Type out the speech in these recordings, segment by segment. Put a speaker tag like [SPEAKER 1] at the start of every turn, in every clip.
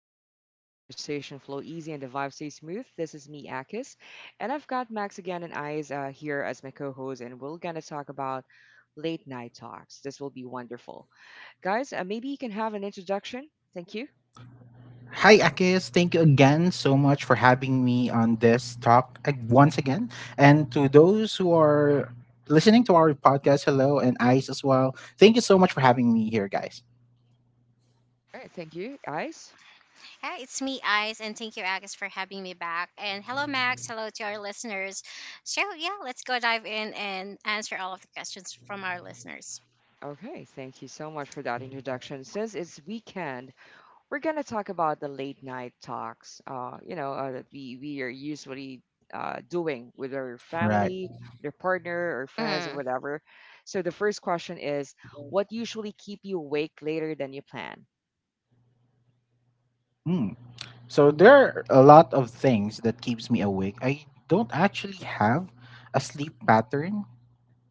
[SPEAKER 1] a chill zone where conversation flow easy and the vibe stay smooth. This is me, Akis, and I've got Max again and Eyes here as my co-host, and we're gonna talk about late night talks. This will be wonderful, guys. Maybe you can have an introduction. Thank you.
[SPEAKER 2] Hi, Akis. Thank you again so much for having me on this talk once again. And to those who are listening to our podcast, hello, and Ice as well. Thank you so much for having me here, guys.
[SPEAKER 1] All right, thank you, Eyes.
[SPEAKER 3] Hi, it's me, Ice, and thank you, Agus, for having me back. And hello, Max. Hello to our listeners. So, yeah, let's go dive in and answer all of the questions from our listeners.
[SPEAKER 1] Okay, thank you so much for that introduction. Since it's weekend, we're gonna talk about the late night talks. You know that we are usually doing with our
[SPEAKER 2] Right.
[SPEAKER 1] family, their partner, or friends, or
[SPEAKER 3] Mm,
[SPEAKER 1] whatever. So the first question is, what usually keep you awake later than you plan?
[SPEAKER 2] Mm. So there are a lot of things that keeps me awake. I don't actually have a sleep pattern,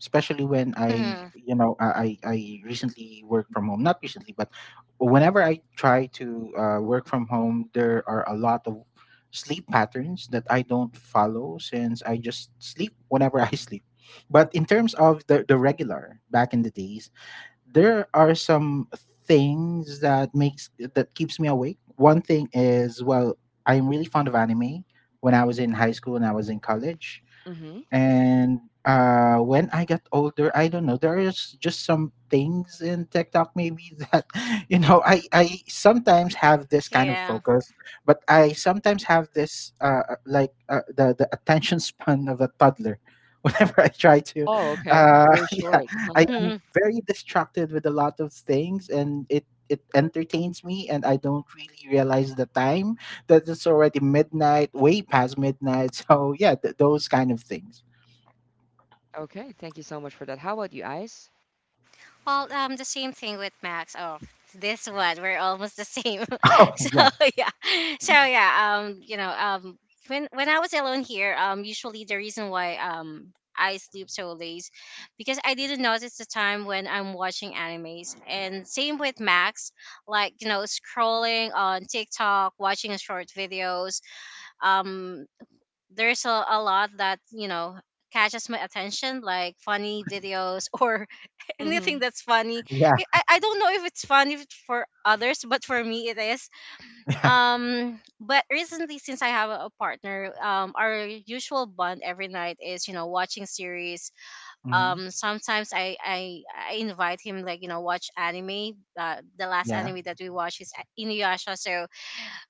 [SPEAKER 2] especially when I,
[SPEAKER 3] mm,
[SPEAKER 2] you know, I recently work from home. Not recently, but whenever I try to work from home, there are a lot of sleep patterns that I don't follow since I just sleep whenever I sleep. But in terms of the regular back in the days, there are some things that makes that keeps me awake. One thing is, well, I'm really fond of anime when I was in high school and I was in college.
[SPEAKER 1] Mm-hmm.
[SPEAKER 2] And when I got older, I don't know. There is just some things in TikTok maybe that you know. I sometimes have this kind of
[SPEAKER 3] yeah.
[SPEAKER 2] focus, but I sometimes have this the attention span of a toddler. Whenever I try to,
[SPEAKER 1] Oh, okay.
[SPEAKER 2] uh,
[SPEAKER 1] Very
[SPEAKER 2] yeah,
[SPEAKER 1] short,
[SPEAKER 2] I
[SPEAKER 1] huh?
[SPEAKER 2] am very distracted with a lot of things, and it entertains me, and I don't really realize the time that it's already midnight, way past midnight. So yeah, those kind of things.
[SPEAKER 1] Okay. Thank you so much for that. How about you, Ice?
[SPEAKER 3] Well, the same thing with Max. Oh, this one we're almost the same.
[SPEAKER 2] Oh,
[SPEAKER 3] so
[SPEAKER 2] yeah,
[SPEAKER 3] yeah, so yeah. You know, when I was alone here, usually the reason why I sleep so late, because I didn't notice the time when I'm watching animes. And same with Max, like you know, scrolling on TikTok, watching short videos. Um, there's a lot that you know catches my attention like funny videos or
[SPEAKER 1] Mm-hmm.
[SPEAKER 3] anything that's funny
[SPEAKER 2] yeah,
[SPEAKER 3] I don't know if it's funny for others but for me it is.
[SPEAKER 2] yeah.
[SPEAKER 3] But recently since I have a partner, our usual bond every night is you know watching series.
[SPEAKER 2] Mhm.
[SPEAKER 3] Sometimes I invite him like you know watch anime. The last
[SPEAKER 2] Yeah,
[SPEAKER 3] anime that we watch is Inuyasha, so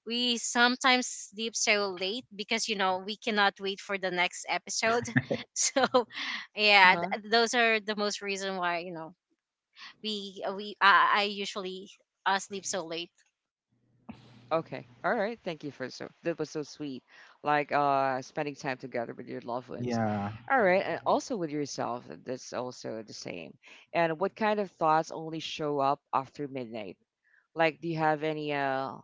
[SPEAKER 3] we sometimes sleep so late because you know we cannot wait for the next episode. So yeah, those are the most reason why you know we I usually sleep so late.
[SPEAKER 1] Okay. All right. Thank you for so that was so sweet. Like spending time together with your loved ones.
[SPEAKER 2] yeah,
[SPEAKER 1] All right, and also with yourself, that's also the same. And what kind of thoughts only show up after midnight? Like do you have any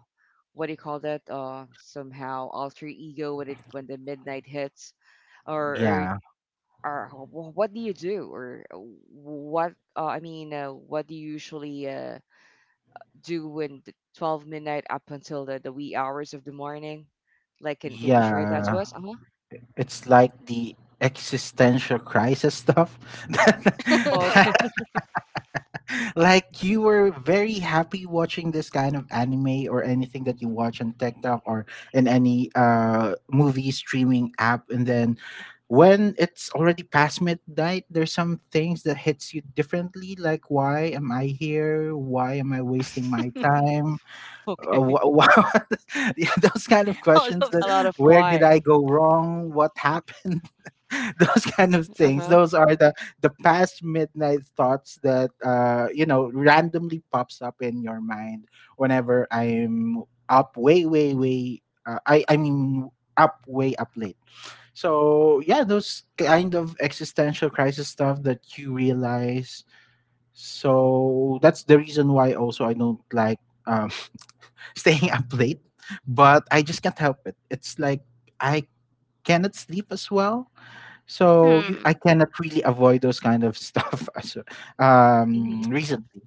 [SPEAKER 1] what do you call that? Somehow alter ego when it when the midnight hits or or,
[SPEAKER 2] yeah,
[SPEAKER 1] or what do you do or what I mean, what do you usually do when the 12 midnight up until the wee hours of the morning? Like, can you share that to
[SPEAKER 2] yeah.
[SPEAKER 1] us? Uh huh.
[SPEAKER 2] It's like the existential crisis stuff, that,
[SPEAKER 1] Oh,
[SPEAKER 2] that, like, you were very happy watching this kind of anime or anything that you watch on TikTok or in any movie streaming app, and then when it's already past midnight, there's some things that hits you differently, like, why am I here? Why am I wasting my time?
[SPEAKER 1] okay. Okay.
[SPEAKER 2] Wow, yeah, those kind of
[SPEAKER 3] All
[SPEAKER 2] questions,
[SPEAKER 3] of
[SPEAKER 2] that
[SPEAKER 1] A
[SPEAKER 3] this.
[SPEAKER 1] lot of
[SPEAKER 2] where did
[SPEAKER 1] why.
[SPEAKER 2] I go wrong? What happened? Those kind of
[SPEAKER 1] Uh
[SPEAKER 2] things,
[SPEAKER 1] huh.
[SPEAKER 2] those are the past midnight thoughts that uh, you know, randomly pops up in your mind whenever I'm up way way way I mean up way up late. So yeah, those kind of existential crisis stuff that you realize. So that's the reason why also I don't like uh, staying up late, but I just can't help it. It's like I cannot sleep as well, so
[SPEAKER 3] Hmm.
[SPEAKER 2] I cannot really avoid those kind of stuff as um,
[SPEAKER 1] Hmm.
[SPEAKER 2] recently.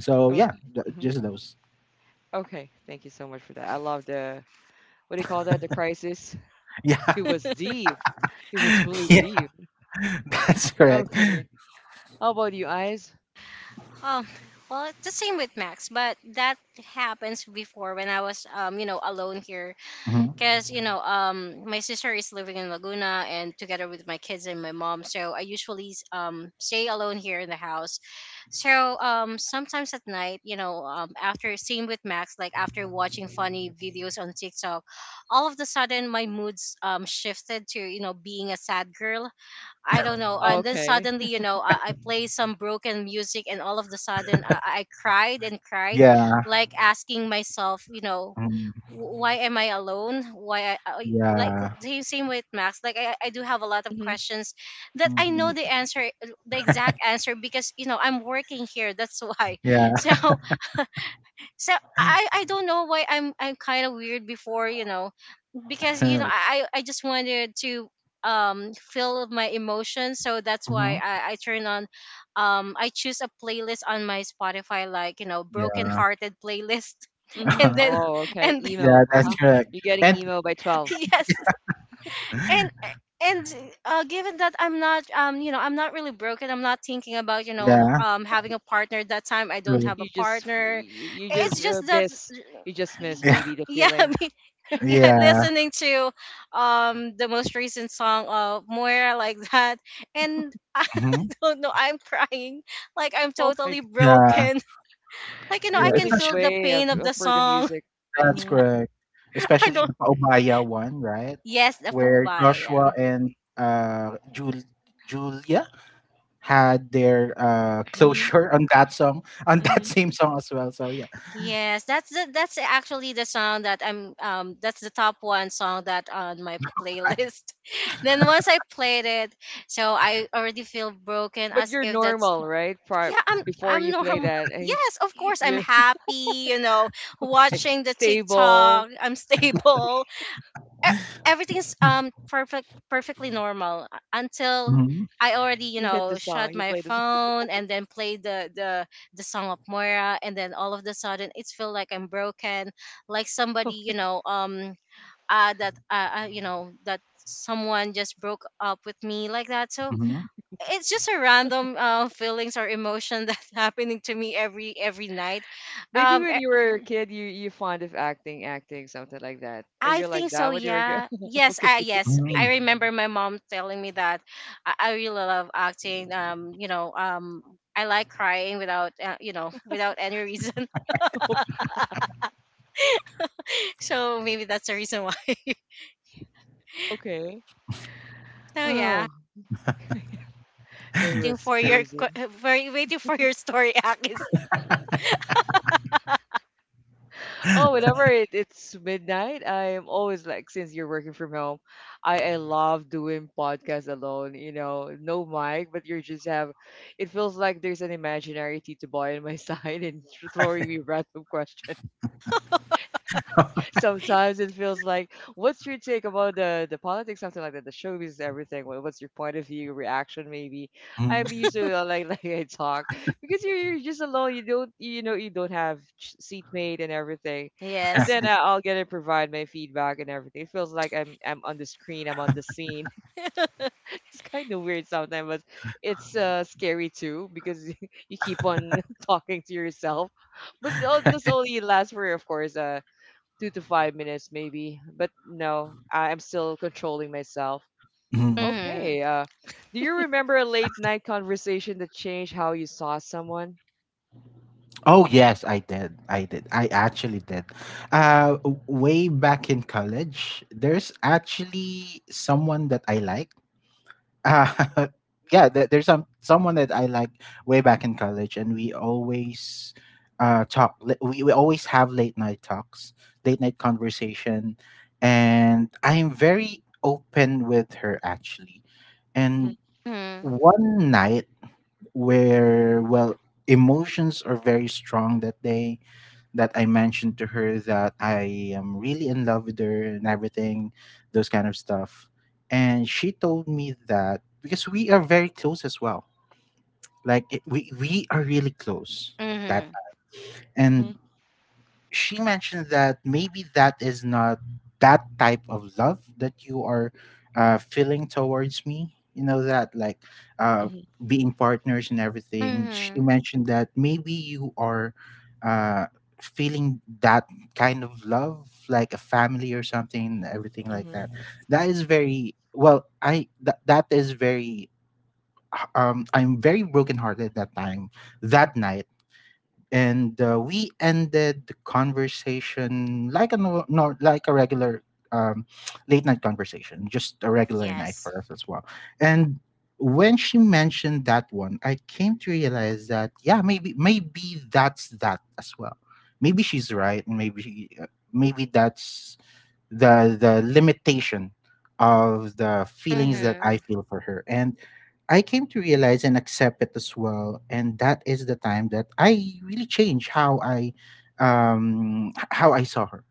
[SPEAKER 2] So yeah,
[SPEAKER 1] Okay. Hmm.
[SPEAKER 2] just those.
[SPEAKER 1] Okay. Thank you so much for that. I love the, what do you call that? The crisis?
[SPEAKER 2] Yeah,
[SPEAKER 1] It was deep. It was really
[SPEAKER 2] yeah,
[SPEAKER 1] deep.
[SPEAKER 2] that's correct.
[SPEAKER 1] Okay. How about you, eyes?
[SPEAKER 3] Um, well, it's the same with Max, but that happens before when I was you know alone here
[SPEAKER 2] Mhm.
[SPEAKER 3] because you know my sister is living in Laguna, and together with my kids and my mom, so I usually stay alone here in the house. So sometimes at night you know after same with Max like after watching funny videos on TikTok, all of the sudden my moods shifted to you know being a sad girl. I don't know. And then
[SPEAKER 1] Okay.
[SPEAKER 3] suddenly, you know, I play some broken music, and all of the sudden, I cried and cried,
[SPEAKER 2] Yeah,
[SPEAKER 3] like asking myself, you know,
[SPEAKER 2] mm,
[SPEAKER 3] Why am I alone? Why like
[SPEAKER 2] yeah,
[SPEAKER 3] same with Max. Like I do have a lot of
[SPEAKER 1] Hmm.
[SPEAKER 3] questions that I
[SPEAKER 2] mhm,
[SPEAKER 3] know the answer, the exact answer, because you know I'm working here. That's why. So
[SPEAKER 2] yeah,
[SPEAKER 3] so I don't know why I'm kind of weird before. You know, because you know I just wanted to feel my emotions, so that's why
[SPEAKER 2] mhm,
[SPEAKER 3] I turn on, I choose a playlist on my Spotify like you know broken
[SPEAKER 2] yeah,
[SPEAKER 3] hearted playlist.
[SPEAKER 1] Hmm.
[SPEAKER 3] And then,
[SPEAKER 1] Oh, okay.
[SPEAKER 3] and
[SPEAKER 2] yeah.
[SPEAKER 1] Email. Uh
[SPEAKER 2] That's
[SPEAKER 1] huh.
[SPEAKER 2] correct.
[SPEAKER 1] You're getting
[SPEAKER 2] And
[SPEAKER 1] email by 12.
[SPEAKER 3] yes, and and given that I'm not you know I'm not really broken, I'm not thinking about you know
[SPEAKER 2] yeah,
[SPEAKER 3] having a partner. That time I don't have a
[SPEAKER 1] You just,
[SPEAKER 3] partner,
[SPEAKER 1] you you
[SPEAKER 3] it's
[SPEAKER 1] just
[SPEAKER 3] just that
[SPEAKER 1] miss, you just miss
[SPEAKER 3] y- yeah.
[SPEAKER 2] yeah,
[SPEAKER 1] maybe the feeling.
[SPEAKER 3] Yeah,
[SPEAKER 2] yeah,
[SPEAKER 3] listening to the most recent song of Moira like that, and I
[SPEAKER 2] mhm,
[SPEAKER 3] don't know, I'm crying, like I'm
[SPEAKER 1] Oh my.
[SPEAKER 3] totally
[SPEAKER 2] yeah,
[SPEAKER 3] broken. Like you know,
[SPEAKER 1] Your
[SPEAKER 3] I
[SPEAKER 2] yeah,
[SPEAKER 3] can
[SPEAKER 1] really
[SPEAKER 3] feel
[SPEAKER 2] especially,
[SPEAKER 3] the
[SPEAKER 1] sway
[SPEAKER 3] pain of
[SPEAKER 1] of
[SPEAKER 3] the
[SPEAKER 1] for the
[SPEAKER 3] song.
[SPEAKER 1] music.
[SPEAKER 2] that's
[SPEAKER 1] Mhm.
[SPEAKER 2] correct,
[SPEAKER 3] I
[SPEAKER 2] especially
[SPEAKER 3] don't.
[SPEAKER 2] the Paubaya one, right?
[SPEAKER 3] Yes, the fall
[SPEAKER 2] Where
[SPEAKER 3] by yeah.
[SPEAKER 2] Joshua and uh Jul Julia had their uh,
[SPEAKER 1] Mhm.
[SPEAKER 2] closure on that song, on that
[SPEAKER 1] Mhm.
[SPEAKER 2] same song as well. So yeah.
[SPEAKER 3] Yes, that's that's actually the song that I'm that's the top one song that on my playlist. Then once I played it, so I already feel broken
[SPEAKER 1] But
[SPEAKER 3] as
[SPEAKER 1] you're
[SPEAKER 3] if that's,
[SPEAKER 1] normal, right? Prior,
[SPEAKER 3] yeah,
[SPEAKER 1] before
[SPEAKER 3] I'm
[SPEAKER 1] you play
[SPEAKER 3] normal.
[SPEAKER 1] that, and
[SPEAKER 3] Yes, of course I'm
[SPEAKER 1] you're
[SPEAKER 3] happy, you know,
[SPEAKER 1] okay,
[SPEAKER 3] watching the
[SPEAKER 1] stable.
[SPEAKER 3] TikTok, I'm stable. E- Everything's perfectly normal until
[SPEAKER 2] Mm-hmm.
[SPEAKER 3] I already, you
[SPEAKER 1] You
[SPEAKER 3] know,
[SPEAKER 1] hit the
[SPEAKER 3] shut
[SPEAKER 1] song. You
[SPEAKER 3] my
[SPEAKER 1] play the song.
[SPEAKER 3] phone and then played the song of Moira, and then all of the sudden it's feel like I'm broken, like somebody, you know, that you know, that someone just broke up with me like that. So
[SPEAKER 2] Mm-hmm.
[SPEAKER 3] it's just a random feelings or emotion that's happening to me every night.
[SPEAKER 1] Maybe
[SPEAKER 3] um
[SPEAKER 1] when
[SPEAKER 3] eh,
[SPEAKER 1] you were a
[SPEAKER 3] y-
[SPEAKER 1] kid, you fond of acting, acting something like that. Are
[SPEAKER 3] I
[SPEAKER 1] you like
[SPEAKER 3] think so,
[SPEAKER 1] that when you were a kid?
[SPEAKER 3] yeah. Yes,
[SPEAKER 1] Okay,
[SPEAKER 3] I
[SPEAKER 2] Mm-hmm.
[SPEAKER 3] remember my mom telling me that I really love acting, you know, I like crying without you know without any reason. So maybe that's the reason why.
[SPEAKER 1] okay.
[SPEAKER 3] So yeah,
[SPEAKER 1] Oh, that
[SPEAKER 3] waiting
[SPEAKER 1] was
[SPEAKER 3] for your
[SPEAKER 1] crazy.
[SPEAKER 3] waiting for your story, Akis.
[SPEAKER 1] Oh, whenever it's midnight, I am always like, since you're working from home, I love doing podcasts alone, you know, no mic, but you just have, it feels like there's an imaginary tito boy on my side and throwing me random questions. Sometimes it feels like, what's your take about the politics, something like that, the showbiz, everything. What- What's your point of view, reaction, maybe? I'm
[SPEAKER 2] Hmm.
[SPEAKER 1] usually like like I talk because you're just alone. You don't you know you don't have seatmate and everything, and
[SPEAKER 3] Yes.
[SPEAKER 1] then I'll get to provide my feedback and everything. It feels like I'm on the screen, I'm on the scene. It's kind of weird sometimes, but it's scary too because you keep on talking to yourself but those only lasts for of course 2 to 5 minutes maybe but no I'm still controlling myself.
[SPEAKER 2] Hmm.
[SPEAKER 3] Hmm.
[SPEAKER 1] Okay. Do you remember a late night conversation that changed how you saw someone?
[SPEAKER 2] Oh yes, I did. I did. I actually did. Way back in college, there's actually someone that I like. uh, yeah, th- there's some someone that I like way back in college, and we always We always have late night talks, late night conversation, and I'm very open with her actually. And
[SPEAKER 3] Hmm.
[SPEAKER 2] one night where, well, emotions are very strong that day, that I mentioned to her that I am really in love with her and everything, those kind of stuff. And she told me that because we are very close as well. Like, we are really close, that,
[SPEAKER 3] Hmm.
[SPEAKER 2] and
[SPEAKER 1] Mhm,
[SPEAKER 2] she mentioned that maybe that is not that type of love that you are feeling towards me. You know, that like uh,
[SPEAKER 1] mhm,
[SPEAKER 2] being partners and everything. She
[SPEAKER 3] Hmm.
[SPEAKER 2] mentioned that maybe you are uh, feeling that kind of love, like a family or something, everything like
[SPEAKER 1] mhm,
[SPEAKER 2] that. That is very well. I that That is very. I'm very brokenhearted that time, that night. And we ended the conversation like a, no, no, like a regular um, late night conversation, just a regular night
[SPEAKER 3] Yes.
[SPEAKER 2] for us as well. And when she mentioned that one, I came to realize that yeah, maybe maybe that's that as well. Maybe she's right, and maybe maybe that's the limitation of the feelings that I
[SPEAKER 3] Mhm.
[SPEAKER 2] feel for her, and I came to realize and accept it as well, and that is the time that I really changed how I how I saw her.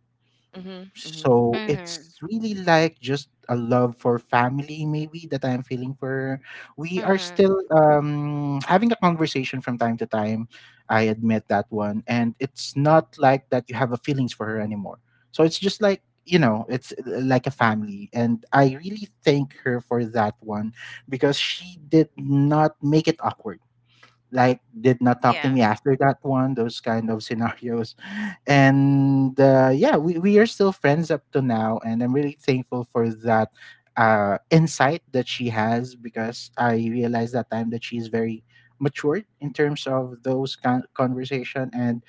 [SPEAKER 1] mhm, mhm,
[SPEAKER 2] So
[SPEAKER 3] Mhm.
[SPEAKER 2] it's really like just a love for family, maybe, that I'm feeling for. We are
[SPEAKER 3] Mhm.
[SPEAKER 2] still having a conversation from time to time. I admit that one, and it's not like that you have a feelings for her anymore. So it's just like, you know, it's like a family, and I really thank her for that one because she did not make it awkward. Like, did not talk to
[SPEAKER 3] Yeah.
[SPEAKER 2] me after that one. Those kind of scenarios. And yeah, we are still friends up to now and I'm really thankful for that insight that she has because I realized that time that she's very matured in terms of those conversation. And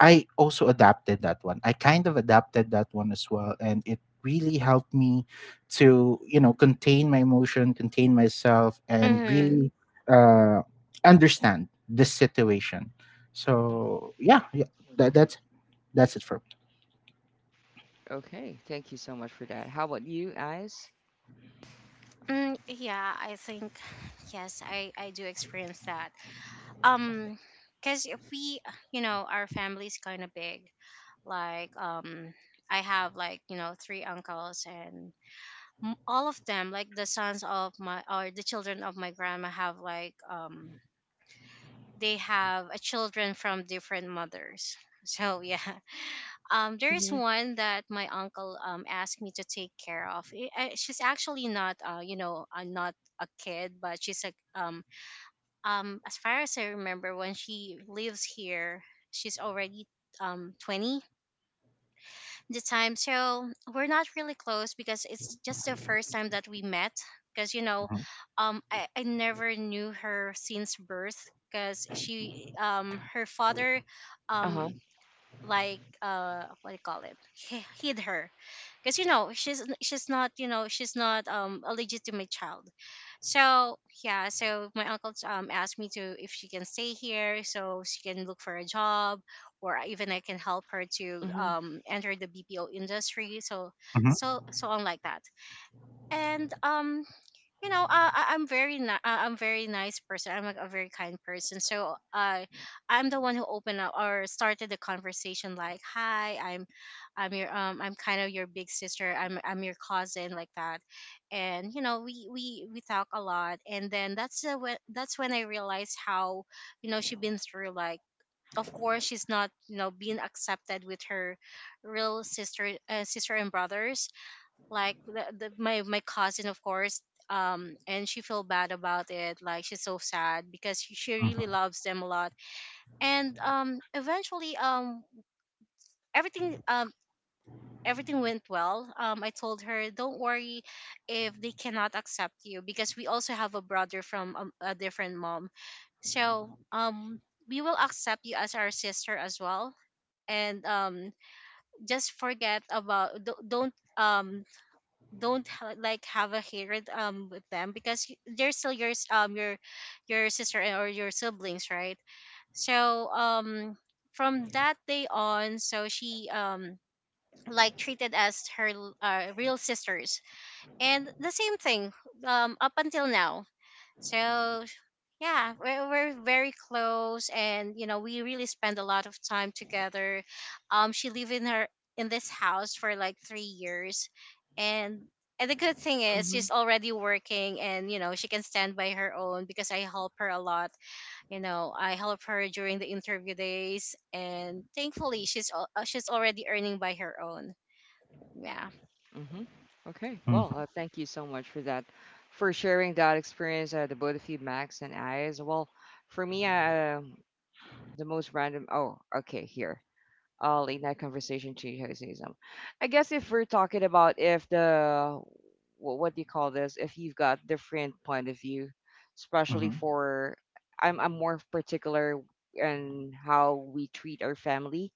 [SPEAKER 2] I also adapted that one. I kind of adapted that one as well, and it really helped me to, you know, contain my emotion, contain myself, and
[SPEAKER 3] Mhm.
[SPEAKER 2] really uh, understand the situation. So yeah, yeah, that, that's that's it for me.
[SPEAKER 1] okay. Thank you so much for that. How about you, eyes?
[SPEAKER 3] Yeah, I think yes, I do experience that. Um cuz if we, you know, our family's kind of big. Like I have like, you know, three uncles and all of them, like the sons of my, or the children of my grandma, have like they have a children from different mothers. So yeah, there's
[SPEAKER 1] Mhm,
[SPEAKER 3] one that my uncle asked me to take care of. She's actually not, you know, not a kid, but she's like, as far as I remember, when she lives here, she's already 20 the time, so we're not really close because it's just the first time that we met, because you know
[SPEAKER 2] Mhm.
[SPEAKER 3] I never knew her since birth, because she her father,
[SPEAKER 1] uh-huh,
[SPEAKER 3] um like what do you call it, hid her, because you know she's not, you know, she's not a legitimate child. So yeah, so my uncle asked me to, if she can stay here so she can look for a job, or even I can help her to
[SPEAKER 1] mhm,
[SPEAKER 3] enter the BPO industry. So
[SPEAKER 2] Mhm,
[SPEAKER 3] so on like that. And you know, I'm very I'm very nice person. I'm like a very kind person. So I'm the one who opened up or started the conversation. Like, hi, I'm your I'm kind of your big sister. I'm your cousin like that, and you know we talk a lot. And then that's the when that's when I realized how you know she been through like. Of course, she's not, you know, being accepted with her sister and brothers, like my cousin of course. And she feel bad about it, like she's so sad because she
[SPEAKER 2] mhm,
[SPEAKER 3] really loves them a lot. And eventually, everything, everything went well. I told her, don't worry if they cannot accept you because we also have a brother from a different mom, so we will accept you as our sister as well. And just forget about don't like have a hatred with them, because they're still your your sister or your siblings, right? So from that day on, so she like treated as her real sisters, and the same thing up until now. So yeah, we're very close, and you know we really spend a lot of time together. She lived in her in this house for like 3 years. and and the good thing is
[SPEAKER 1] mhm.
[SPEAKER 3] she's already working, and you know she can stand by her own because I help her a lot. You know, I help her during the interview days, and thankfully she's already earning by her own. Yeah.
[SPEAKER 1] Mm-hmm. Okay. Well,
[SPEAKER 2] mhm,
[SPEAKER 1] thank you so much for that, for sharing that experience, the both of you, Max and eyes. Well. For me, the most random. Oh, okay. Here. Late night conversation to Joseism. I guess if we're talking about if the what do you call this? If you've got different point of view, especially
[SPEAKER 2] mhm,
[SPEAKER 1] for I'm more particular in how we treat our family.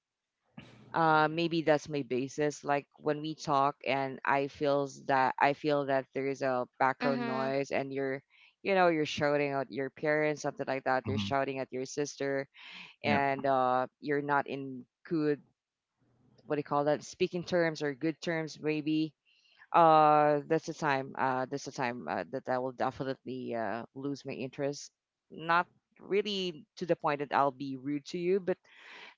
[SPEAKER 1] Maybe that's my basis. Like when we talk, and I feel that there is a background
[SPEAKER 3] Mm-hmm.
[SPEAKER 1] noise, and you know, you're shouting at your parents, something like that. You're
[SPEAKER 2] mhm.
[SPEAKER 1] shouting at your sister,
[SPEAKER 2] Yep.
[SPEAKER 1] and you're not in good what do you call that speaking terms or good terms maybe that's the time that I will definitely lose my interest, not really to the point that I'll be rude to you, but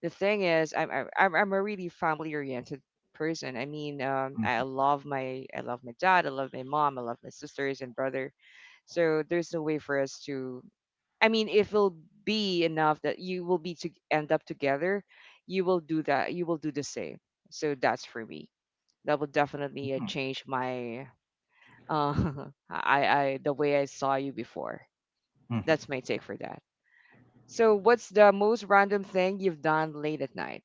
[SPEAKER 1] the thing is I'm a really family oriented person. I mean I
[SPEAKER 2] Mhm,
[SPEAKER 1] love my dad I love my mom, I love my sisters and brother, so there's no way for us to I mean, if it'll be enough that you will be to end up together, you will do that. You will do the same. So that's for me. That will definitely
[SPEAKER 2] mhm,
[SPEAKER 1] change my uh, I the way I saw you before.
[SPEAKER 2] mhm.
[SPEAKER 1] That's my take for that. So what's the most random thing you've done late at night?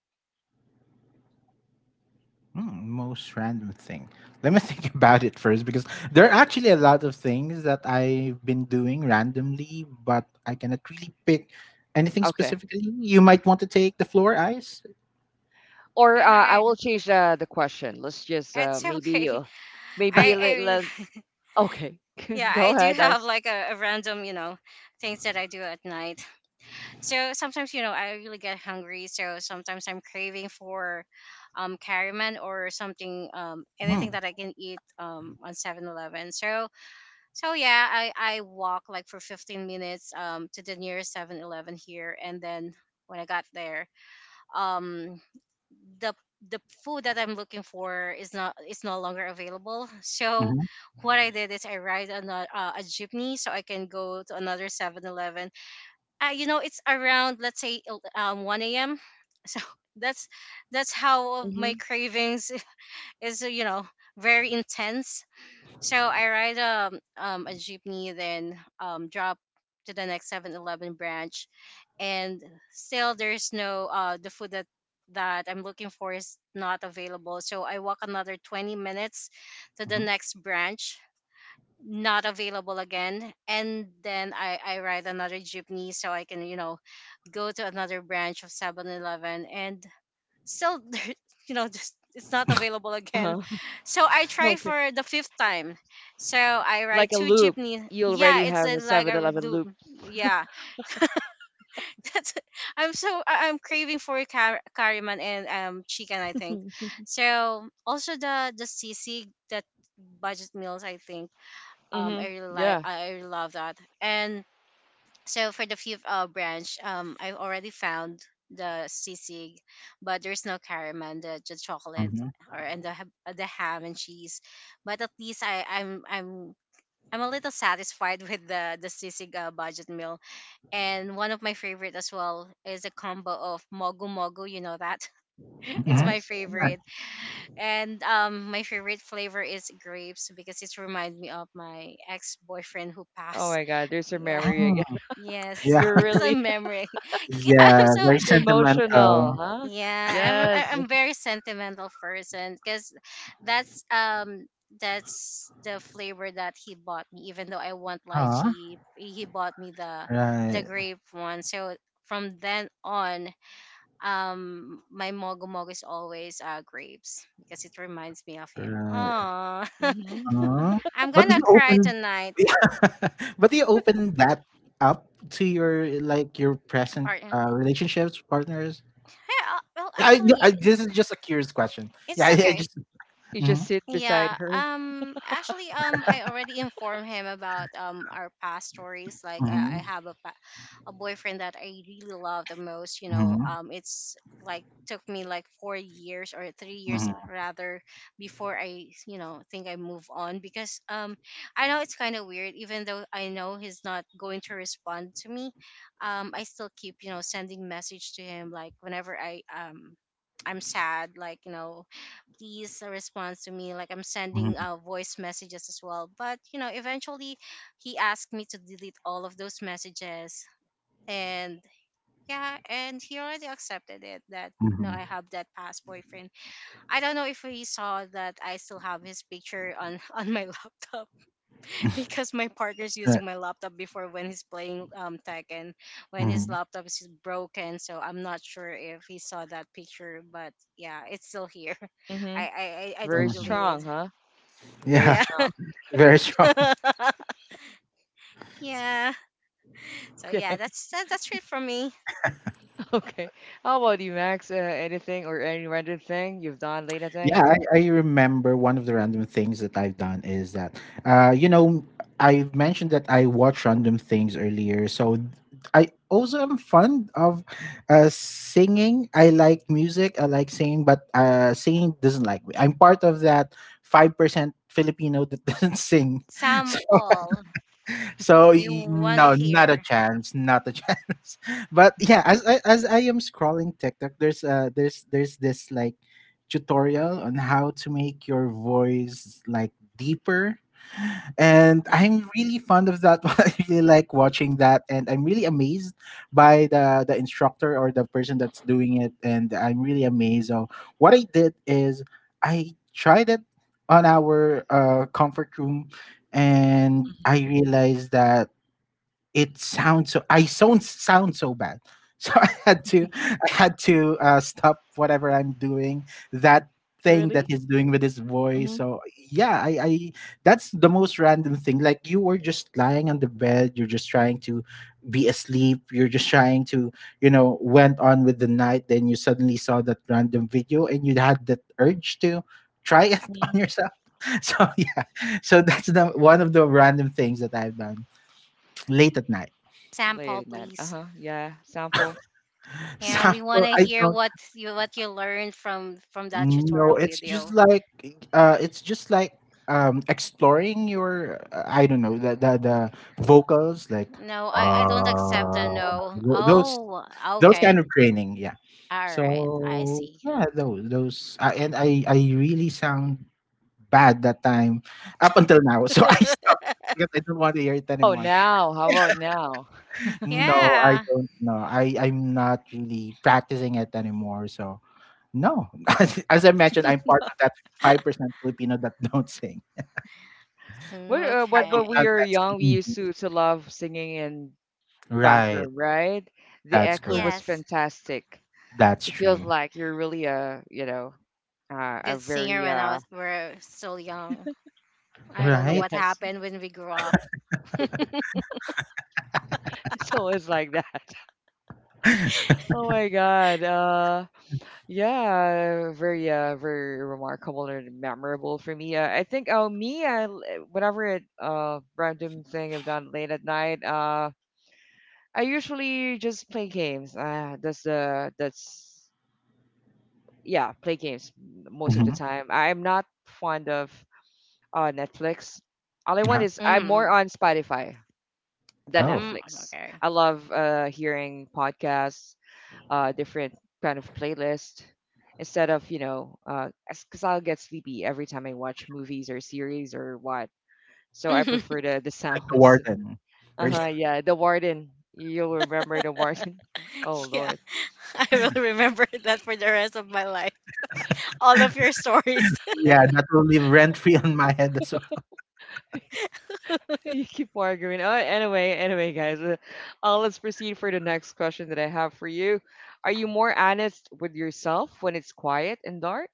[SPEAKER 2] Mm, most random thing. Let me think about it first because there are actually a lot of things that I've been doing randomly, but I cannot really pick anything
[SPEAKER 1] Okay,
[SPEAKER 2] specifically. You might want to take the floor, Ice.
[SPEAKER 1] or
[SPEAKER 3] Yeah,
[SPEAKER 1] I will change the question. Let's just
[SPEAKER 3] it's
[SPEAKER 1] maybe
[SPEAKER 3] okay.
[SPEAKER 1] maybe
[SPEAKER 3] i i
[SPEAKER 1] let
[SPEAKER 3] really-
[SPEAKER 1] okay.
[SPEAKER 3] Yeah,
[SPEAKER 1] Go
[SPEAKER 3] I do
[SPEAKER 1] ahead,
[SPEAKER 3] have
[SPEAKER 1] Ice.
[SPEAKER 3] like a random, you know, things that I do at night. So sometimes, you know, I really get hungry. So sometimes I'm craving for caramel or something, anything that I can eat on 7-Eleven. So so yeah, I walk like for 15 minutes to the nearest 7-Eleven here, and then when I got there, um the the food that I'm looking for is not is no longer available. So
[SPEAKER 2] Mhm.
[SPEAKER 3] what I did is I ride on a jeepney so I can go to another 7-Eleven. 11 you know, it's around let's say 1 a.m. So that's how of
[SPEAKER 1] Mm-hmm.
[SPEAKER 3] my cravings is you know very intense. So I ride a jeepney, then drop to the next 7-Eleven branch, and still there's no the food that I'm looking for is not available. So I walk another 20 minutes to the
[SPEAKER 2] Mhm.
[SPEAKER 3] next branch, not available again, and then I ride another jeepney so I can you know go to another branch of 7-Eleven, and still there- you know just it's not available again.
[SPEAKER 1] Uh-huh.
[SPEAKER 3] So I try for the fifth time. So I ride
[SPEAKER 1] Like a
[SPEAKER 3] two
[SPEAKER 1] loop.
[SPEAKER 3] jeepney,
[SPEAKER 1] You
[SPEAKER 3] yeah,
[SPEAKER 1] already
[SPEAKER 3] it's
[SPEAKER 1] have a
[SPEAKER 3] like a
[SPEAKER 1] 7-Eleven
[SPEAKER 3] loop.
[SPEAKER 1] loop.
[SPEAKER 3] Yeah. That's, I'm so I'm craving for kariman and chicken I think. So also the cc that budget meals I think. I
[SPEAKER 1] Mhm.
[SPEAKER 3] really like,
[SPEAKER 1] Yeah.
[SPEAKER 3] I really love that. And so for the fifth branch, I already found the sisig, but there's no caramel, the chocolate,
[SPEAKER 2] Mhm.
[SPEAKER 3] or and the the ham and cheese. But at least I I'm a little satisfied with the sisig budget meal. And one of my favorite as well is a combo of mogu mogu. You know that. It's
[SPEAKER 2] Mhm.
[SPEAKER 3] my
[SPEAKER 1] Yes. Uh-huh.
[SPEAKER 2] Right.
[SPEAKER 3] favorite, and my favorite flavor is grapes because it reminds me of my ex-boyfriend who
[SPEAKER 1] Oh
[SPEAKER 3] passed.
[SPEAKER 1] my god, there's your
[SPEAKER 3] Yeah.
[SPEAKER 1] memory
[SPEAKER 2] Mm.
[SPEAKER 1] again.
[SPEAKER 3] Yes,
[SPEAKER 2] Yeah.
[SPEAKER 1] You're
[SPEAKER 3] this is a
[SPEAKER 1] really
[SPEAKER 3] memory. I'm
[SPEAKER 2] Yeah,
[SPEAKER 3] so
[SPEAKER 2] very
[SPEAKER 1] emotional,
[SPEAKER 2] sentimental.
[SPEAKER 1] huh?
[SPEAKER 3] yeah. I'm I-
[SPEAKER 1] Yes.
[SPEAKER 3] I'm very sentimental person because that's um that's the flavor that he bought me. Even though I want
[SPEAKER 2] Uh-huh.
[SPEAKER 3] lychee, he bought me the
[SPEAKER 2] Right.
[SPEAKER 3] grape one. So from then on, my mogo mogo is always grapes because it reminds me of him.
[SPEAKER 2] Right.
[SPEAKER 3] Oh,
[SPEAKER 1] Mhm.
[SPEAKER 2] Uh,
[SPEAKER 3] I'm
[SPEAKER 2] but
[SPEAKER 3] gonna
[SPEAKER 2] you
[SPEAKER 3] cry
[SPEAKER 2] open
[SPEAKER 3] tonight,
[SPEAKER 2] yeah, but you open that up to your like your present
[SPEAKER 3] partner.
[SPEAKER 2] relationships, partners?
[SPEAKER 3] Well,
[SPEAKER 2] Yeah, I, yeah, I,
[SPEAKER 3] actually,
[SPEAKER 2] this is just a curious question. Yeah,
[SPEAKER 3] it's
[SPEAKER 2] I
[SPEAKER 3] okay.
[SPEAKER 2] just
[SPEAKER 1] You just
[SPEAKER 2] Mhm.
[SPEAKER 1] sit beside
[SPEAKER 3] Yeah.
[SPEAKER 1] her.
[SPEAKER 3] Actually, I already informed him about our past stories. Like, I
[SPEAKER 2] Mhm.
[SPEAKER 3] have a a boyfriend that I really love the most. You know,
[SPEAKER 2] Mhm.
[SPEAKER 3] it's like took me like 4 years, or 3 years
[SPEAKER 2] Mhm.
[SPEAKER 3] rather, before I think I move on because I know it's kind of weird. Even though I know he's not going to respond to me, I still keep sending message to him like whenever I'm sad, please responds to me, like I'm sending
[SPEAKER 2] Mhm.
[SPEAKER 3] voice messages as well. But you know, eventually he asked me to delete all of those messages, and yeah, and he already accepted it that you know
[SPEAKER 2] Mhm.
[SPEAKER 3] I have that past boyfriend. I don't know if he saw that I still have his picture on on my laptop. Because my partner's
[SPEAKER 2] Right.
[SPEAKER 3] using my laptop before when he's playing tekken, when his
[SPEAKER 2] Mhm.
[SPEAKER 3] laptop is broken. So I'm not sure if he saw that picture, but yeah, it's still here. I,
[SPEAKER 1] Mhm.
[SPEAKER 3] I, I
[SPEAKER 1] Very
[SPEAKER 3] don't
[SPEAKER 2] Mhm.
[SPEAKER 3] delete it.
[SPEAKER 1] strong, huh? Very
[SPEAKER 2] Yeah,
[SPEAKER 3] Yeah.
[SPEAKER 1] strong.
[SPEAKER 2] very strong.
[SPEAKER 3] Yeah. So
[SPEAKER 1] Okay.
[SPEAKER 3] yeah, that's it for me.
[SPEAKER 1] Okay. How about you, Max? Anything or any random thing you've done late at night?
[SPEAKER 2] Yeah, I remember one of the random things that I've done is that, you know, I mentioned that I watch random things earlier. So I also am fond of singing. I like music. I like singing, but singing doesn't like me. I'm part of that 5% Filipino that doesn't sing. So
[SPEAKER 3] Sample. You want to
[SPEAKER 2] no, not a
[SPEAKER 3] hear
[SPEAKER 2] chance, not a chance. But yeah, as I am scrolling TikTok, there's this like tutorial on how to make your voice like deeper. And
[SPEAKER 1] Mhm.
[SPEAKER 2] I'm really fond of that one. I really like watching that, and I'm really amazed by the instructor or the person that's doing it. And I'm really amazed. So what I did is I tried it on our comfort room, and
[SPEAKER 1] Mhm.
[SPEAKER 2] I realized that it sounds so, I sound so bad. So I had to stop whatever I'm doing, that thing that
[SPEAKER 1] Really?
[SPEAKER 2] he's doing with his
[SPEAKER 1] Mhm.
[SPEAKER 2] voice. So yeah, I, that's the most random thing. Like, you were just lying on the bed, you're just trying to be asleep, you're just trying to, you know, went on with the night, then you suddenly saw that random video and you had that urge to try it on
[SPEAKER 1] Mhm.
[SPEAKER 2] yourself. So yeah, so that's the one of the random things that I've done late at night.
[SPEAKER 1] Late
[SPEAKER 3] sample,
[SPEAKER 1] at night.
[SPEAKER 3] please.
[SPEAKER 1] Uh-huh. Yeah. Sample.
[SPEAKER 3] Yeah, we want
[SPEAKER 2] Sample,
[SPEAKER 3] to
[SPEAKER 2] I
[SPEAKER 3] hear
[SPEAKER 2] don't
[SPEAKER 3] what you learned from that tutorial
[SPEAKER 2] know. It's
[SPEAKER 3] video.
[SPEAKER 2] just like uh it's just like exploring your I don't know, the the vocals, like
[SPEAKER 3] No, I don't
[SPEAKER 2] uh
[SPEAKER 3] accept the no.
[SPEAKER 2] tho- those
[SPEAKER 3] Oh,
[SPEAKER 2] those
[SPEAKER 3] okay.
[SPEAKER 2] kind of training, yeah.
[SPEAKER 3] All right, I
[SPEAKER 2] So
[SPEAKER 3] see.
[SPEAKER 2] yeah, those I, and I I really sound bad that time up until now. So I stopped because I don't want to hear it
[SPEAKER 1] Oh,
[SPEAKER 2] anymore.
[SPEAKER 1] now. How about now?
[SPEAKER 2] No, I
[SPEAKER 3] Yeah.
[SPEAKER 2] don't know. I I'm not really practicing it anymore. So no. As I mentioned, I'm part of that 5% Filipino that don't sing.
[SPEAKER 3] Mm,
[SPEAKER 1] What
[SPEAKER 2] I
[SPEAKER 1] but when
[SPEAKER 2] don't
[SPEAKER 1] we
[SPEAKER 2] have
[SPEAKER 3] okay.
[SPEAKER 1] were
[SPEAKER 2] that
[SPEAKER 1] young, we
[SPEAKER 2] singing
[SPEAKER 1] used
[SPEAKER 2] gene.
[SPEAKER 1] to love singing in
[SPEAKER 2] Right.
[SPEAKER 1] bathroom, right? The
[SPEAKER 2] That's
[SPEAKER 1] echo
[SPEAKER 2] correct.
[SPEAKER 1] was
[SPEAKER 3] Yes.
[SPEAKER 1] fantastic.
[SPEAKER 2] That's
[SPEAKER 1] It feels
[SPEAKER 2] true.
[SPEAKER 1] like you're really a, you know, a
[SPEAKER 3] Good singer
[SPEAKER 1] very
[SPEAKER 3] when I was we're still young. I don't know
[SPEAKER 2] Right?
[SPEAKER 3] what
[SPEAKER 1] yes.
[SPEAKER 3] happened when we grew up.
[SPEAKER 1] It's always like that. Oh my God. Yeah, very very remarkable and memorable for me. I think oh me whenever it random thing I've done late at night, I usually just play games. That's yeah, play games most of the
[SPEAKER 2] Hmm.
[SPEAKER 1] time. I'm not fond of Netflix. All I want
[SPEAKER 2] Uh,
[SPEAKER 1] is I'm more
[SPEAKER 3] Mm.
[SPEAKER 1] on Spotify than
[SPEAKER 2] oh,
[SPEAKER 3] I'm
[SPEAKER 1] Netflix. I love hearing podcasts, different kind of playlist instead of you know because I'll get sleepy every time I watch movies or series or what. So I
[SPEAKER 3] okay.
[SPEAKER 1] prefer the
[SPEAKER 2] like the
[SPEAKER 1] sounds.
[SPEAKER 2] warden.
[SPEAKER 1] Uh
[SPEAKER 2] Really?
[SPEAKER 1] huh. Yeah, the warden. You'll remember the warden. Oh
[SPEAKER 3] Yeah,
[SPEAKER 1] Lord.
[SPEAKER 3] I will remember that for the rest of my life. All of your stories.
[SPEAKER 2] Yeah, that will leave rent free on my head as well.
[SPEAKER 1] You keep arguing. Oh, anyway, anyway, guys, let's proceed for the next question that I have for you. Are you more honest with yourself when it's quiet and dark?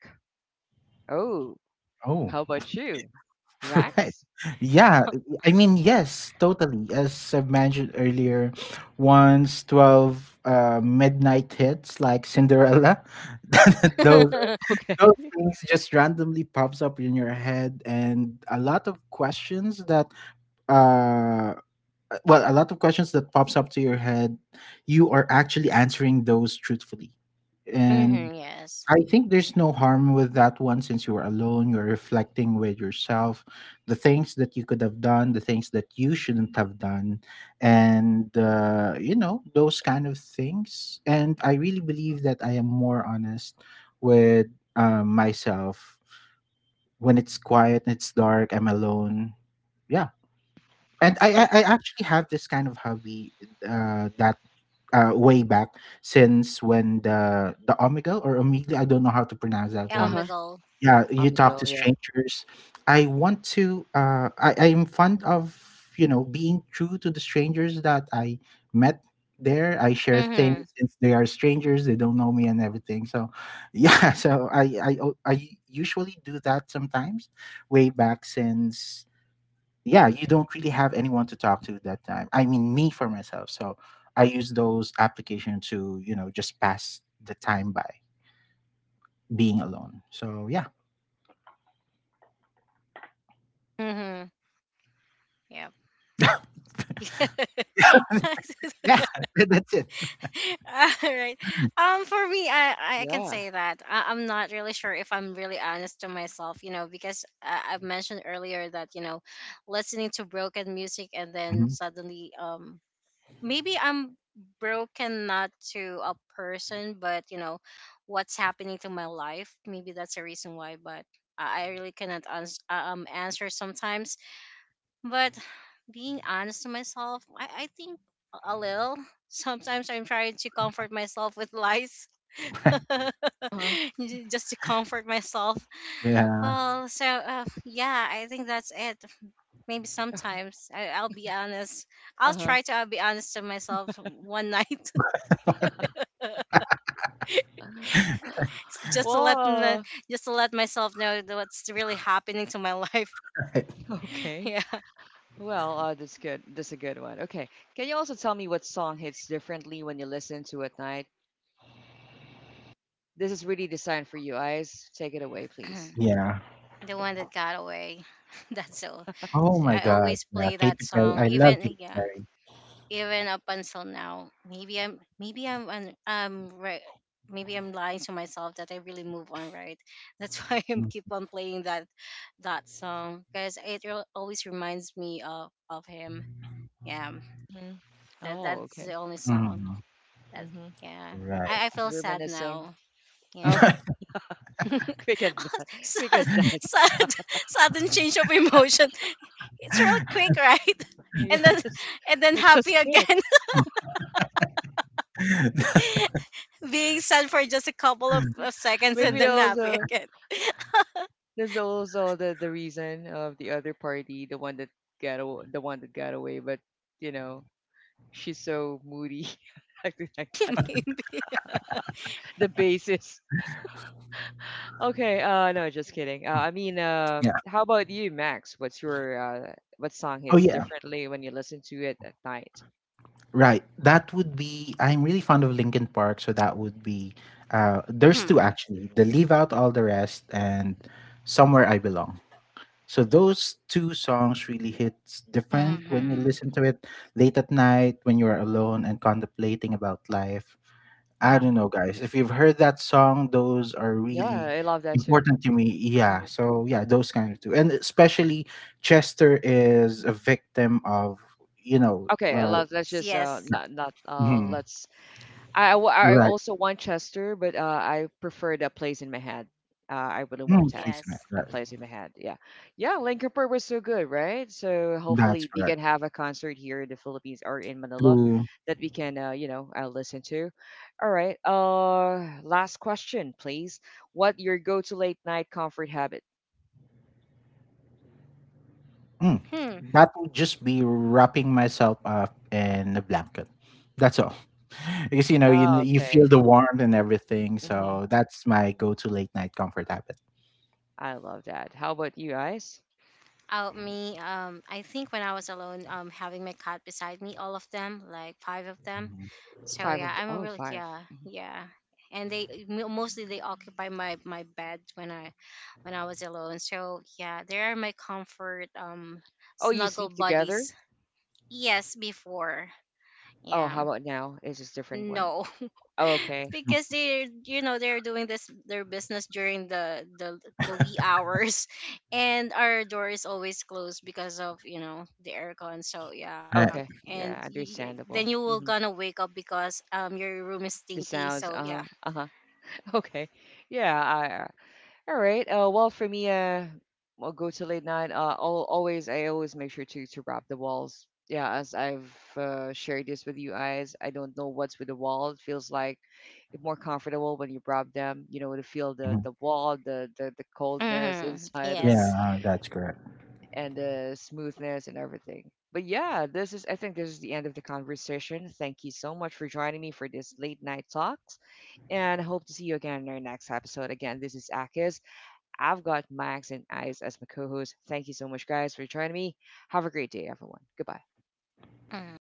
[SPEAKER 1] Oh,
[SPEAKER 2] Oh,
[SPEAKER 1] how about you,
[SPEAKER 2] right.
[SPEAKER 1] Max?
[SPEAKER 2] Yeah, I mean, yes, totally. As I've mentioned earlier, once 12 midnight hits like Cinderella, those those things just randomly pops up in your head and a lot of questions that uh a lot of questions that pops up to your head, you are actually answering those truthfully. And
[SPEAKER 3] Hmm. Yes.
[SPEAKER 2] I think there's no harm with that one since you are alone, you're reflecting with yourself, the things that you could have done, the things that you shouldn't have done, and, you know, those kind of things. And I really believe that I am more honest with myself when it's quiet and it's dark, I'm alone. Yeah. And
[SPEAKER 1] Okay.
[SPEAKER 2] I actually have this kind of hobby that way back since when the Omegle or Omegle, I don't know how to pronounce that
[SPEAKER 1] Uh
[SPEAKER 2] one.
[SPEAKER 1] huh.
[SPEAKER 3] Elmigal.
[SPEAKER 2] Yeah, you
[SPEAKER 1] On the
[SPEAKER 2] talk
[SPEAKER 1] go.
[SPEAKER 2] to
[SPEAKER 1] Yeah.
[SPEAKER 2] strangers. I want to. I'm fond of, you know, being true to the strangers that I met there. I share things
[SPEAKER 3] Mm-hmm.
[SPEAKER 2] since they are strangers; they don't know me and everything. So, yeah. So I usually do that sometimes. Way back since, yeah, you don't really have anyone to talk to that time. I mean, me for myself. So I use those applications to, you know, just pass the time by being alone. So yeah,
[SPEAKER 3] Mm-hmm. Yep.
[SPEAKER 2] yeah. That's it.
[SPEAKER 3] All right. For me, I can
[SPEAKER 1] Yeah.
[SPEAKER 3] say that I'm not really sure if I'm really honest to myself, you know, because I've mentioned earlier that you know, listening to broken music and then
[SPEAKER 2] Mhm.
[SPEAKER 3] suddenly maybe I'm broken, not to a person, but you know, what's happening to my life. Maybe that's a reason why. But I really cannot answer sometimes. But being honest to myself, I think a little. Sometimes I'm trying to comfort myself with lies.
[SPEAKER 1] Uh huh.
[SPEAKER 3] Just to comfort myself.
[SPEAKER 2] Yeah.
[SPEAKER 3] Well, so yeah, I think that's it. Maybe sometimes I'll be honest. I'll
[SPEAKER 1] Uh
[SPEAKER 3] try to be honest to myself one night.
[SPEAKER 1] huh.
[SPEAKER 3] Just to let my-
[SPEAKER 1] Whoa.
[SPEAKER 3] Just to let myself know that what's really happening to my life.
[SPEAKER 1] Okay.
[SPEAKER 3] Yeah.
[SPEAKER 1] Well, that's good. That's a good one. Okay. Can you also tell me what song hits differently when you listen to at night? This is really designed for you, guys. Take it away, please.
[SPEAKER 2] Yeah.
[SPEAKER 3] The one that got away. That's all.
[SPEAKER 2] Oh my
[SPEAKER 3] I
[SPEAKER 2] god.
[SPEAKER 3] always
[SPEAKER 2] Yeah.
[SPEAKER 3] play that
[SPEAKER 2] Katy Perry.
[SPEAKER 3] song,
[SPEAKER 2] I love
[SPEAKER 3] even
[SPEAKER 2] Katy
[SPEAKER 3] yeah,
[SPEAKER 2] Perry.
[SPEAKER 3] even up until now. Maybe I'm right. Maybe I'm lying to myself that I really move on, right? That's why I'm
[SPEAKER 2] Mm,
[SPEAKER 3] keep on playing that song, because it always reminds me of him. Yeah,
[SPEAKER 1] Mhm. Oh,
[SPEAKER 3] that's the
[SPEAKER 1] okay.
[SPEAKER 3] only song
[SPEAKER 2] mhm.
[SPEAKER 3] that,
[SPEAKER 1] Hmm.
[SPEAKER 3] yeah.
[SPEAKER 2] Right.
[SPEAKER 3] I feel sad
[SPEAKER 1] Reminiscing.
[SPEAKER 3] now. Yeah.
[SPEAKER 1] Oh, quick as that. Quick
[SPEAKER 3] Sad,
[SPEAKER 1] as that.
[SPEAKER 3] sad, sudden change of emotion. It's real quick, right? And then,
[SPEAKER 1] Yes, that was
[SPEAKER 3] happy
[SPEAKER 1] quick.
[SPEAKER 3] again. Being sad for just a couple of seconds and
[SPEAKER 1] Maybe
[SPEAKER 3] then happy
[SPEAKER 1] also
[SPEAKER 3] again.
[SPEAKER 1] there's also the reason of the other party, the one that the one that got away, but you know she's so moody, acting like that.
[SPEAKER 3] Maybe.
[SPEAKER 1] The basis. Okay. No, just kidding. I mean,
[SPEAKER 2] yeah.
[SPEAKER 1] how about you, Max? What's your uh, what song
[SPEAKER 2] Oh
[SPEAKER 1] hits
[SPEAKER 2] yeah.
[SPEAKER 1] differently when you listen to it at night?
[SPEAKER 2] Right. That would be, I'm really fond of Linkin Park, so that would be, uh, there's two
[SPEAKER 3] Hmm.
[SPEAKER 2] actually. The Leave Out All the Rest and Somewhere I Belong. So those two songs really hits different when you
[SPEAKER 3] Mm-hmm.
[SPEAKER 2] listen to it late at night when you are alone and contemplating about life. I
[SPEAKER 1] Hmm.
[SPEAKER 2] don't know, guys. If you've heard that song, those are
[SPEAKER 1] Yeah,
[SPEAKER 2] really
[SPEAKER 1] I love that too.
[SPEAKER 2] important to me. Yeah. So yeah, those kind of two, and especially Chester is a victim of, you know,
[SPEAKER 1] Okay, let's just
[SPEAKER 3] Yes.
[SPEAKER 1] not
[SPEAKER 2] mhm,
[SPEAKER 1] let's I
[SPEAKER 2] right,
[SPEAKER 1] also want Chester, but I prefer that plays in my head. I really want
[SPEAKER 2] mm, placement.
[SPEAKER 3] Yes.
[SPEAKER 1] that
[SPEAKER 2] Right.
[SPEAKER 1] plays in my head. Yeah, yeah. Linkin Park was so good, right? So
[SPEAKER 2] That's
[SPEAKER 1] hopefully they
[SPEAKER 2] correct.
[SPEAKER 1] can have a concert here in the Philippines or in Manila
[SPEAKER 2] Through,
[SPEAKER 1] that we can you know listen to. All right. Last question, please. What your go-to late night comfort habit?
[SPEAKER 2] mm,
[SPEAKER 3] Hmm.
[SPEAKER 2] that would just be wrapping myself up in a blanket. That's all. Because, you know, you
[SPEAKER 1] Oh,
[SPEAKER 2] you feel
[SPEAKER 1] okay.
[SPEAKER 2] the warmth and everything,
[SPEAKER 1] Mm-hmm.
[SPEAKER 2] so that's my go-to late night comfort habit.
[SPEAKER 1] I love that. How about you guys?
[SPEAKER 3] Out me. I think when I was alone, having my cat beside me, all of them, like five of them.
[SPEAKER 2] Mhm.
[SPEAKER 3] So
[SPEAKER 1] Five of
[SPEAKER 3] yeah, I'm a
[SPEAKER 1] oh
[SPEAKER 3] really
[SPEAKER 1] five.
[SPEAKER 3] yeah, yeah. And mostly they occupy my bed when I was alone. So yeah, they are my comfort,
[SPEAKER 1] Oh, you
[SPEAKER 3] snuggle
[SPEAKER 1] sleep together?
[SPEAKER 3] buddies. Yes, before.
[SPEAKER 1] Oh,
[SPEAKER 3] Yeah.
[SPEAKER 1] how about now? It's just different one.
[SPEAKER 3] No.
[SPEAKER 1] Oh, okay.
[SPEAKER 3] Because they, you know, they're doing this their business during the wee hours, and our door is always closed because of you know the aircon, so yeah.
[SPEAKER 2] Right.
[SPEAKER 1] Okay.
[SPEAKER 3] And
[SPEAKER 1] Yeah,
[SPEAKER 3] then you
[SPEAKER 1] understandable.
[SPEAKER 3] will gonna
[SPEAKER 1] Hmm.
[SPEAKER 3] wake up because your room is stinky,
[SPEAKER 1] The
[SPEAKER 3] so
[SPEAKER 1] sounds.
[SPEAKER 3] yeah.
[SPEAKER 1] Uh-huh. Uh-huh. Okay. Yeah. I, all right. Well, for me, I'll go to late night. Al always, I always make sure to wrap the walls. Yeah, as I've shared this with you guys, I don't know what's with the wall. It feels like it's more comfortable when you wrap them. You know, to feel the
[SPEAKER 2] Mm-hmm.
[SPEAKER 1] the wall, the coldness
[SPEAKER 3] Hmm.
[SPEAKER 1] inside
[SPEAKER 2] Yeah,
[SPEAKER 3] Yes.
[SPEAKER 2] that's correct.
[SPEAKER 1] and the smoothness and everything. But yeah, this is I think this is the end of the conversation. Thank you so much for joining me for this late night talks and I hope to see you again in our next episode. Again, this is Akis. I've got Max and Eyes as my co hosts. Thank you so much guys for joining me. Have a great day everyone. Goodbye.
[SPEAKER 3] Mhm.